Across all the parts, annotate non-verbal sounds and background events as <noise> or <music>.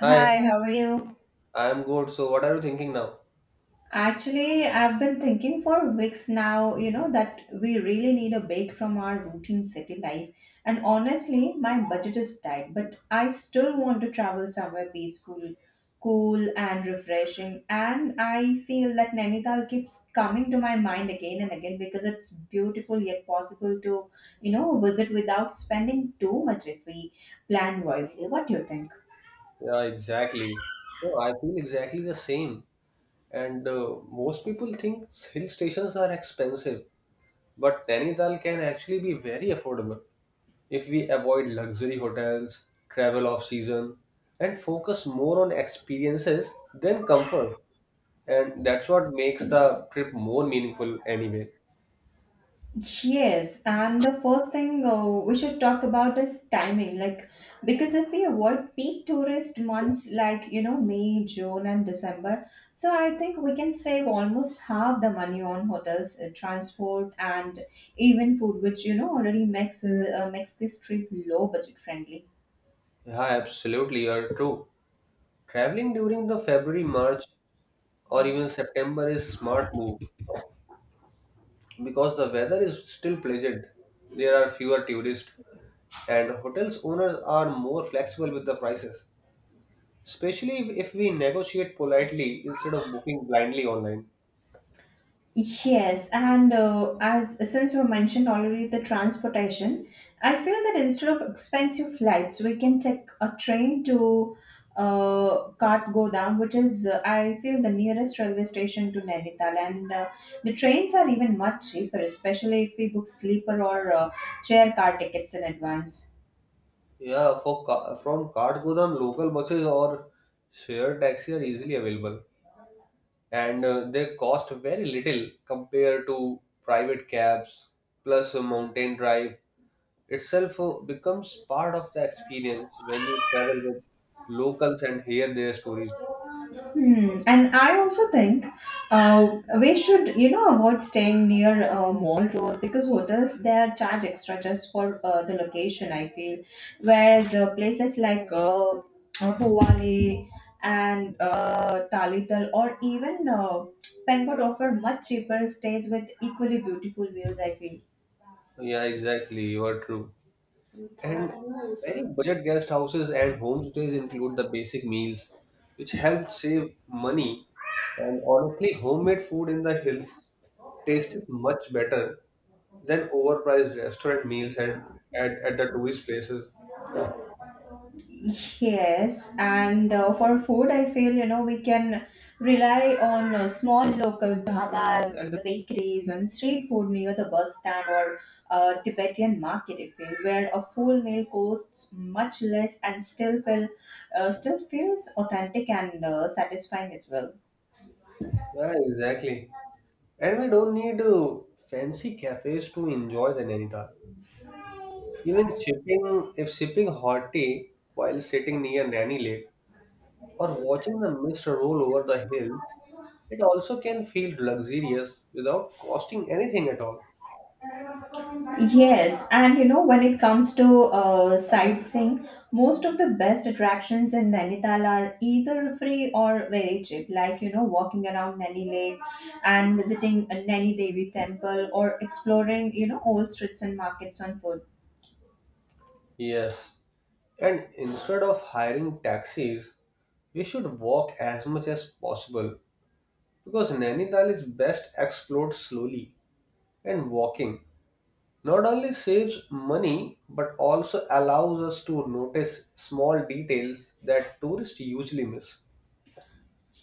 Hi, Hi, how are you? I'm good. So, what are you thinking now? Actually, I've been thinking for weeks now, you know, that we really need a break from our routine city life. And honestly, my budget is tight, but I still want to travel somewhere peaceful, cool, and refreshing. And I feel that Nainital keeps coming to my mind again and again because it's beautiful yet possible to, you know, visit without spending too much if we plan wisely. What do you think? Yeah, exactly. No, I feel exactly the same. And most people think hill stations are expensive, but Nainital can actually be very affordable if we avoid luxury hotels, travel off season, and focus more on experiences than comfort. And that's what makes the trip more meaningful anyway. Yes, and the first thing we should talk about is timing. Because if we avoid peak tourist months like, you know, May, June, and December, so I think we can save almost half the money on hotels, transport, and even food, which, you know, already makes, makes this trip low budget friendly. Yeah, absolutely, you're true. Traveling during the February, March, or even September is smart move because the weather is still pleasant. There are fewer tourists, and hotels owners are more flexible with the prices, especially if we negotiate politely instead of booking blindly online. Yes, and as since you mentioned already the transportation, I feel that instead of expensive flights, we can take a train to Kathgodam, which is I feel the nearest railway station to Nainital, and the trains are even much cheaper, especially if we book sleeper or chair car tickets in advance. Yeah, for from Kathgodam, local buses or shared taxi are easily available, and they cost very little compared to private cabs. Plus, a mountain drive itself becomes part of the experience when you travel with locals and hear their stories. Hmm. And I also think we should, you know, avoid staying near mall road because hotels there charge extra just for the location. I feel, whereas places like Bhuwali and Talital or even Pengod offer much cheaper stays with equally beautiful views. I feel. Yeah, exactly. You are true. And many budget guest houses and homestays include the basic meals, which help save money. And honestly, homemade food in the hills tastes much better than overpriced restaurant meals and at the tourist places. Yes, and for food, I feel you know we can rely on small local dhabas or the bakeries and street food near the bus stand or Tibetan market. I feel where a full meal costs much less and still feel still feels authentic and satisfying as well. Yeah, exactly. And we don't need fancy cafes to enjoy the Nainital. Even sipping, if sipping hot tea while sitting near Nanny Lake or watching the mist roll over the hills, it also can feel luxurious without costing anything at all. Yes, and you know, when it comes to sightseeing, most of the best attractions in Nainital are either free or very cheap. Like, you know, walking around Naini Lake and visiting a Naini Devi temple or exploring, you know, old streets and markets on foot. Yes, and instead of hiring taxis, we should walk as much as possible because Nainital is best explored slowly, and walking not only saves money but also allows us to notice small details that tourists usually miss.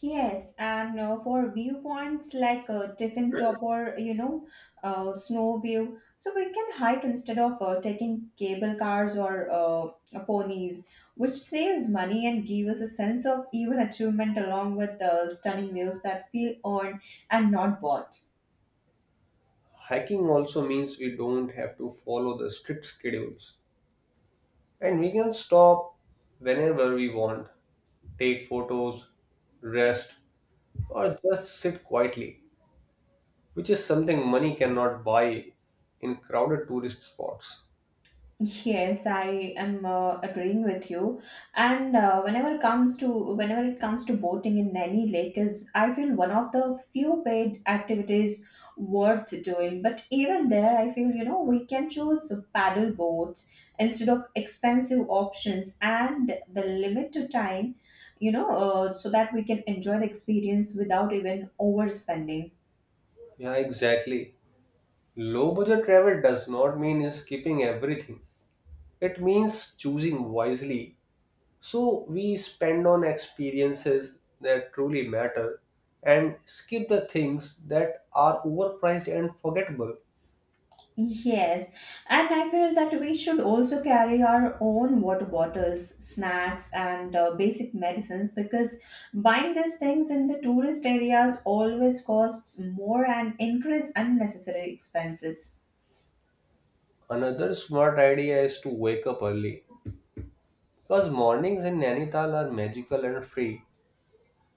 Yes, and for viewpoints like Tiffin Top or you know, Snow View, so we can hike instead of taking cable cars or ponies, which saves money and gives us a sense of even achievement along with the stunning views that feel earned and not bought. Hiking also means we don't have to follow the strict schedules. And we can stop whenever we want, take photos, rest, or just sit quietly, which is something money cannot buy in crowded tourist spots. Yes, I am agreeing with you. And whenever it comes to boating in Naini Lake is I feel one of the few paid activities worth doing. But even there, I feel you know we can choose paddle boats instead of expensive options and the limit to time, you know, so that we can enjoy the experience without even overspending. Yeah, exactly. Low budget travel does not mean skipping everything, it means choosing wisely. So we spend on experiences that truly matter and skip the things that are overpriced and forgettable. Yes, and I feel that we should also carry our own water bottles, snacks, and basic medicines because buying these things in the tourist areas always costs more and increase unnecessary expenses. Another smart idea is to wake up early, because mornings in Nainital are magical and free,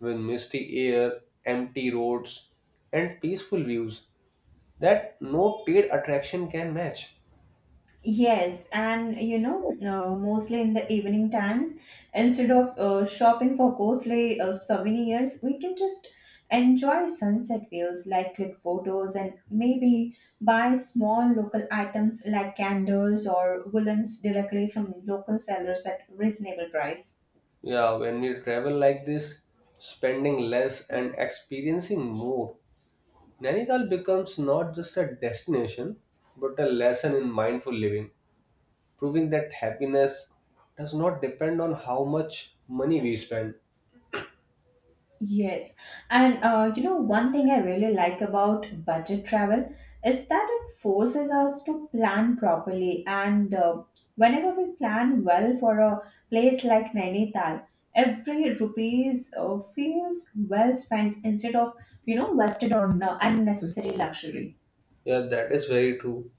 with misty air, empty roads, and peaceful views that no paid attraction can match. Yes, and you know, mostly in the evening times, instead of shopping for costly souvenirs, we can just enjoy sunset views, like click photos, and maybe buy small local items like candles or woolens directly from local sellers at reasonable price. Yeah, when we travel like this, spending less and experiencing more, Nainital becomes not just a destination but a lesson in mindful living, proving that happiness does not depend on how much money we spend. Yes, and you know, one thing I really like about budget travel is that it forces us to plan properly. And whenever we plan well for a place like Nainital, every rupees feels well spent instead of you know wasted on unnecessary luxury. Yeah, that is very true.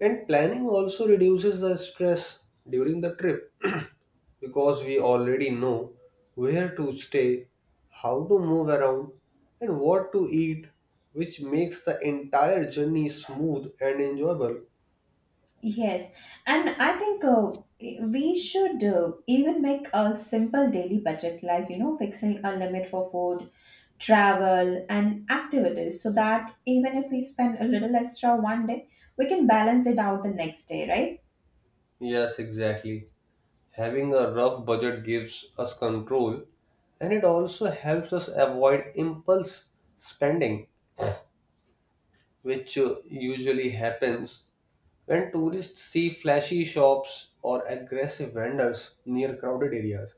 And planning also reduces the stress during the trip <clears throat> because we already know where to stay, how to move around, and what to eat, which makes the entire journey smooth and enjoyable. Yes, and I think we should even make a simple daily budget, like you know, fixing a limit for food, travel, and activities, so that even if we spend a little extra one day, we can balance it out the next day, right? Yes, exactly. Having a rough budget gives us control, and it also helps us avoid impulse spending, which usually happens when tourists see flashy shops or aggressive vendors near crowded areas.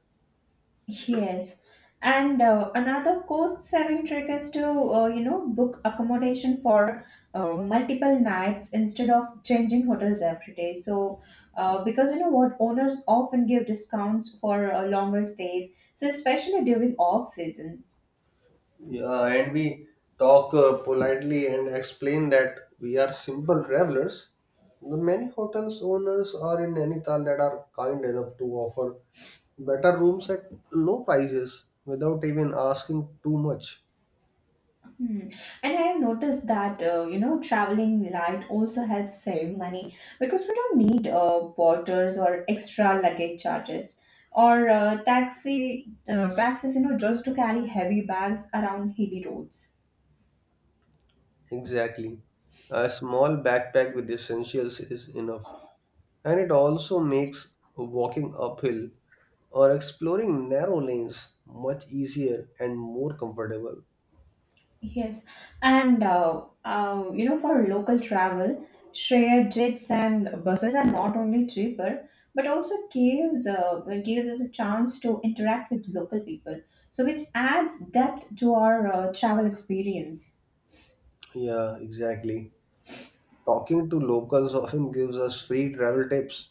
Yes. And another cost saving trick is to, you know, book accommodation for multiple nights instead of changing hotels every day. So, because you know what, owners often give discounts for longer stays, so especially during off seasons. Yeah, and we talk politely and explain that we are simple travelers. The many hotels owners are in Nainital that are kind enough to offer better rooms at low prices without even asking too much. Hmm. And I have noticed that you know traveling light also helps save money because we don't need porters or extra luggage charges or taxis you know just to carry heavy bags around hilly roads. Exactly. A small backpack with essentials is enough, and it also makes walking uphill or exploring narrow lanes much easier and more comfortable. Yes, and you know, for local travel, shared jeeps and buses are not only cheaper, but also gives us a chance to interact with local people, so which adds depth to our travel experience. Yeah, exactly. Talking to locals often gives us free travel tips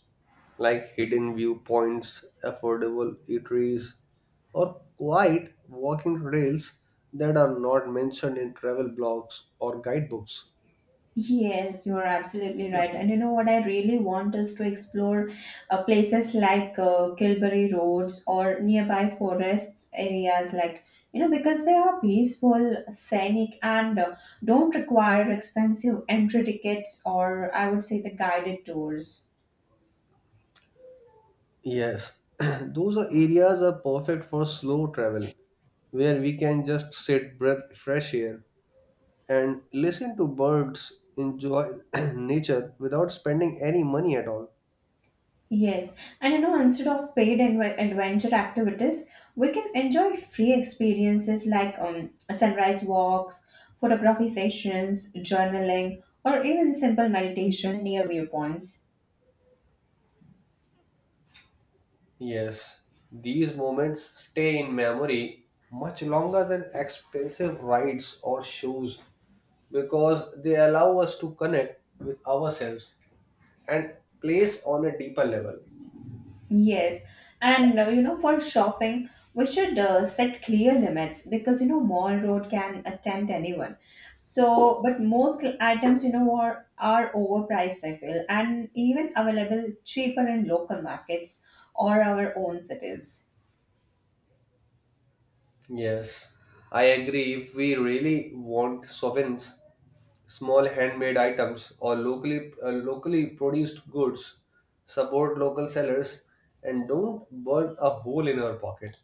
like hidden viewpoints, affordable eateries, or quiet walking trails that are not mentioned in travel blogs or guidebooks. Yes, you are absolutely right. And you know what I really want is to explore places like Kilbury Roads or nearby forests areas, like you know, because they are peaceful, scenic, and don't require expensive entry tickets or I would say the guided tours. Yes, <clears throat> those are areas are perfect for slow travel, where we can just sit, breath fresh air, and listen to birds, enjoy <clears throat> nature without spending any money at all. Yes, and you know, instead of paid adventure activities, we can enjoy free experiences like sunrise walks, photography sessions, journaling, or even simple meditation near viewpoints. Yes, these moments stay in memory much longer than expensive rides or shows because they allow us to connect with ourselves and place on a deeper level. Yes, and you know, for shopping, we should set clear limits because you know, mall road can tempt anyone. So, but most items, you know, are overpriced, I feel, and even available cheaper in local markets or our own cities. Yes, I agree. If we really want sovereigns, small handmade items or locally produced goods, support local sellers and don't burn a hole in our pocket.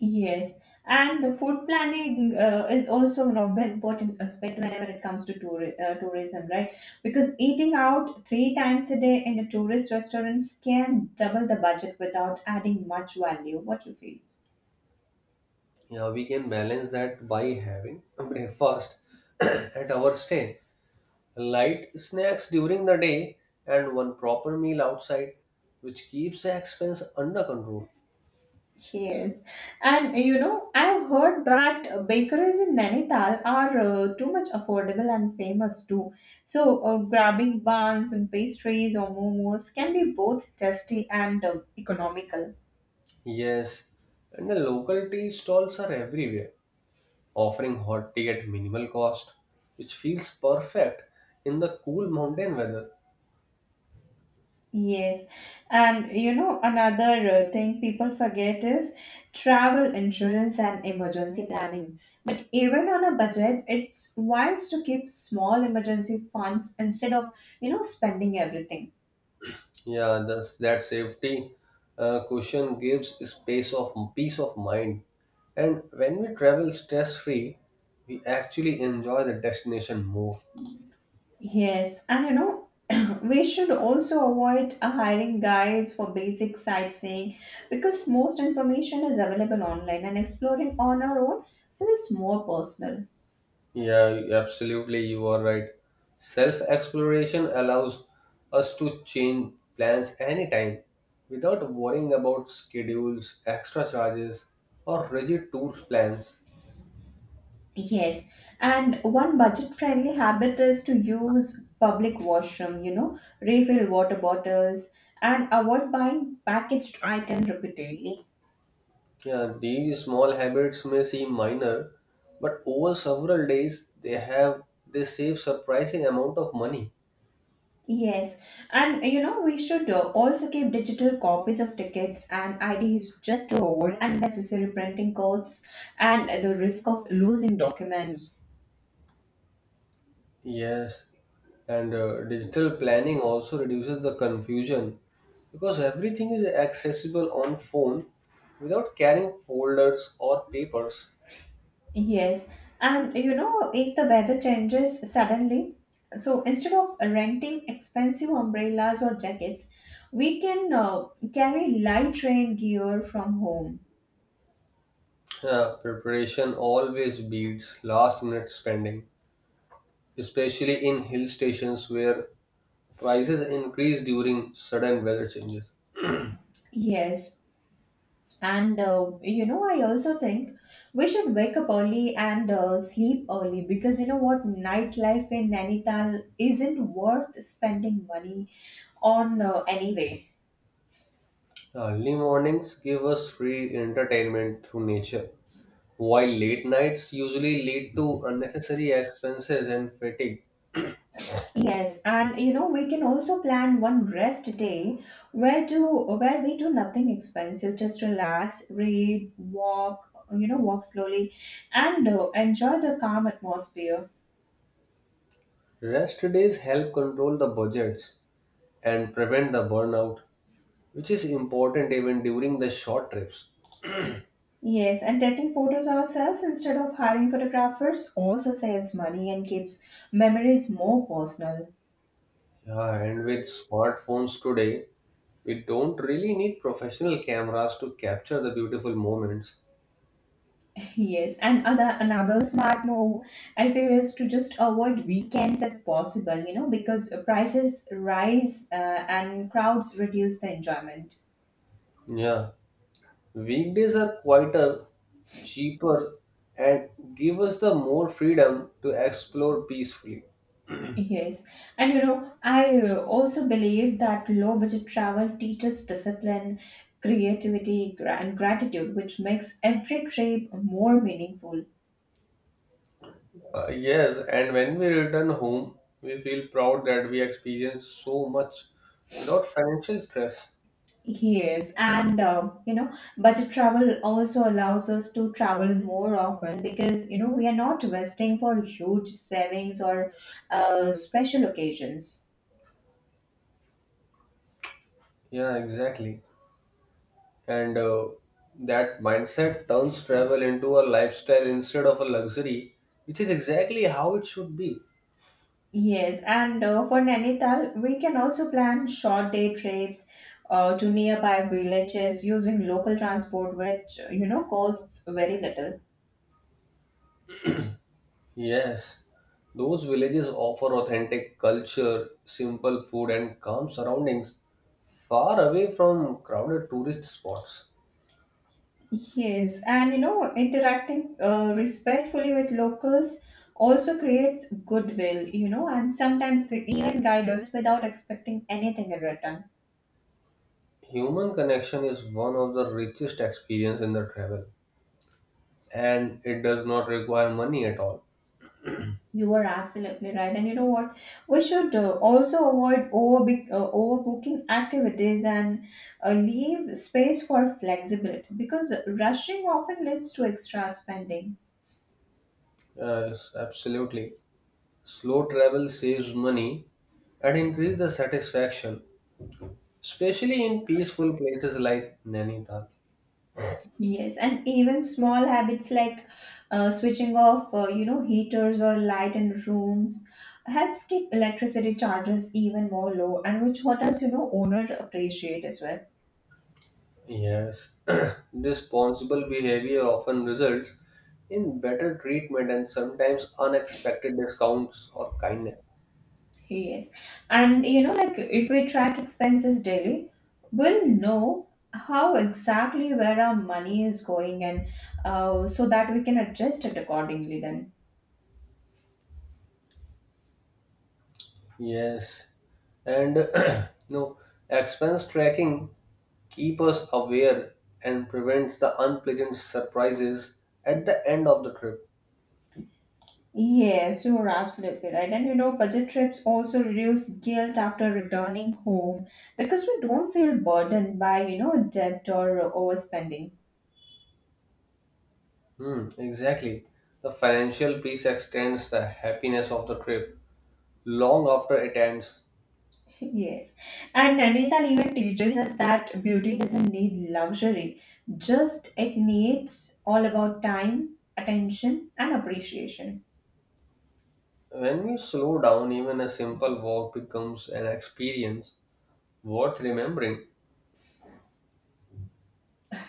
Yes, and the food planning is also one of the important aspect whenever it comes to tourism, right? Because eating out three times a day in a tourist restaurant can double the budget without adding much value. What you feel? Yeah, we can balance that by having a breakfast <coughs> <clears throat> at our stay, light snacks during the day, and one proper meal outside, which keeps the expense under control. Yes, and you know I've heard that bakeries in Nainital are too much affordable and famous too. So grabbing buns and pastries or momos can be both tasty and economical. Yes, and the local tea stalls are everywhere offering hot tea at minimal cost, which feels perfect in the cool mountain weather. Yes, and you know, another thing people forget is travel insurance and emergency planning. But even on a budget, it's wise to keep small emergency funds instead of, you know, spending everything. Yeah, thus that safety cushion gives space of peace of mind. And when we travel stress free, we actually enjoy the destination more. Yes, and you know, <clears throat> we should also avoid hiring guides for basic sightseeing because most information is available online and exploring on our own feels more personal. Yeah, absolutely, you are right. Self exploration allows us to change plans anytime without worrying about schedules, extra charges, or rigid tour plans. Yes, and one budget-friendly habit is to use public washroom, you know, refill water bottles and avoid buying packaged items repeatedly. Yeah, these small habits may seem minor, but over several days they save surprising amount of money. Yes, and you know, we should also keep digital copies of tickets and IDs just to avoid unnecessary printing costs and the risk of losing documents. Yes, and digital planning also reduces the confusion because everything is accessible on phone without carrying folders or papers. Yes, and you know, if the weather changes suddenly, so instead of renting expensive umbrellas or jackets, we can carry light rain gear from home. Yeah, preparation always beats last minute spending, especially in hill stations where prices increase during sudden weather changes. Yes, and you know, I also think we should wake up early and sleep early because you know what, nightlife in Nainital isn't worth spending money on anyway. Early mornings give us free entertainment through nature, while late nights usually lead to unnecessary expenses and fatigue. Yes, and you know we can also plan one rest day where we do nothing expensive, just relax, read, walk, you know, walk slowly, and enjoy the calm atmosphere. Rest days help control the budgets and prevent the burnout, which is important even during the short trips. Yes, and taking photos ourselves instead of hiring photographers also saves money and keeps memories more personal. Yeah, and with smartphones today, we don't really need professional cameras to capture the beautiful moments. Yes, and other another smart move I feel is to just avoid weekends if possible, you know, because prices rise and crowds reduce the enjoyment. Yeah, weekdays are quieter, cheaper, and give us the more freedom to explore peacefully. Yes, and you know, I also believe that low budget travel teaches discipline, creativity, and gratitude, which makes every trip more meaningful. Yes, and when we return home, we feel proud that we experienced so much without financial stress. Yes, and you know, budget travel also allows us to travel more often because you know we are not wasting for huge savings or special occasions. Yeah, exactly. And that mindset turns travel into a lifestyle instead of a luxury, which is exactly how it should be. Yes, and for Nainital, we can also plan short day trips to nearby villages using local transport, which you know costs very little. Yes, those villages offer authentic culture, simple food, and calm surroundings far away from crowded tourist spots. Yes, and you know, interacting respectfully with locals also creates goodwill, you know, and sometimes they even guide us without expecting anything in return. Human connection is one of the richest experience in the travel, and it does not require money at all. You are absolutely right, and you know what? We should also avoid over overbooking activities and leave space for flexibility because rushing often leads to extra spending. Yes, absolutely. Slow travel saves money and increase the satisfaction, especially in peaceful places like Nainital. Yes, and even small habits like switching off, you know, heaters or light in rooms helps keep electricity charges even more low, and which what else you know owner appreciate as well. Yes, <clears throat> responsible behavior often results in better treatment and sometimes unexpected discounts or kindness. Yes, and you know, like if we track expenses daily, we'll know how exactly where our money is going, and so that we can adjust it accordingly. Then. Yes, and <clears throat> no expense tracking keep us aware and prevents the unpleasant surprises at the end of the trip. Yes, you're absolutely right. And you know, budget trips also reduce guilt after returning home because we don't feel burdened by, you know, debt or overspending. Hmm, exactly. The financial piece extends the happiness of the trip long after it ends. <laughs> Yes. And Nainital even teaches us that beauty doesn't need luxury, just it needs all about time, attention, and appreciation. When we slow down, even a simple walk becomes an experience worth remembering.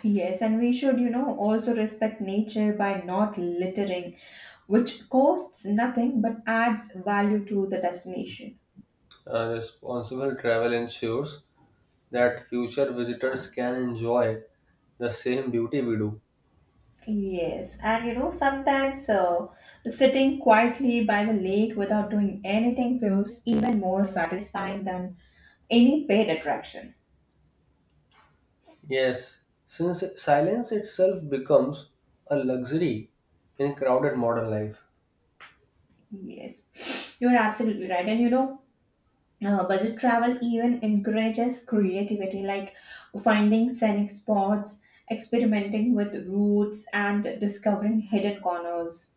Yes, and we should, you know, also respect nature by not littering, which costs nothing but adds value to the destination. Responsible travel ensures that future visitors can enjoy the same beauty we do. Yes, and you know, sometimes sitting quietly by the lake without doing anything feels even more satisfying than any paid attraction. Yes, since silence itself becomes a luxury in crowded modern life. Yes, you're absolutely right. And you know, budget travel even encourages creativity, like finding scenic spots, experimenting with routes, and discovering hidden corners.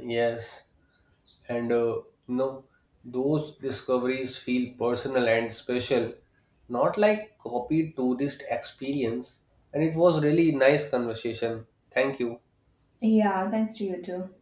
Yes, and know, those discoveries feel personal and special, not like copied tourist experience. And it was really nice conversation. Thank you. Yeah, thanks to you too.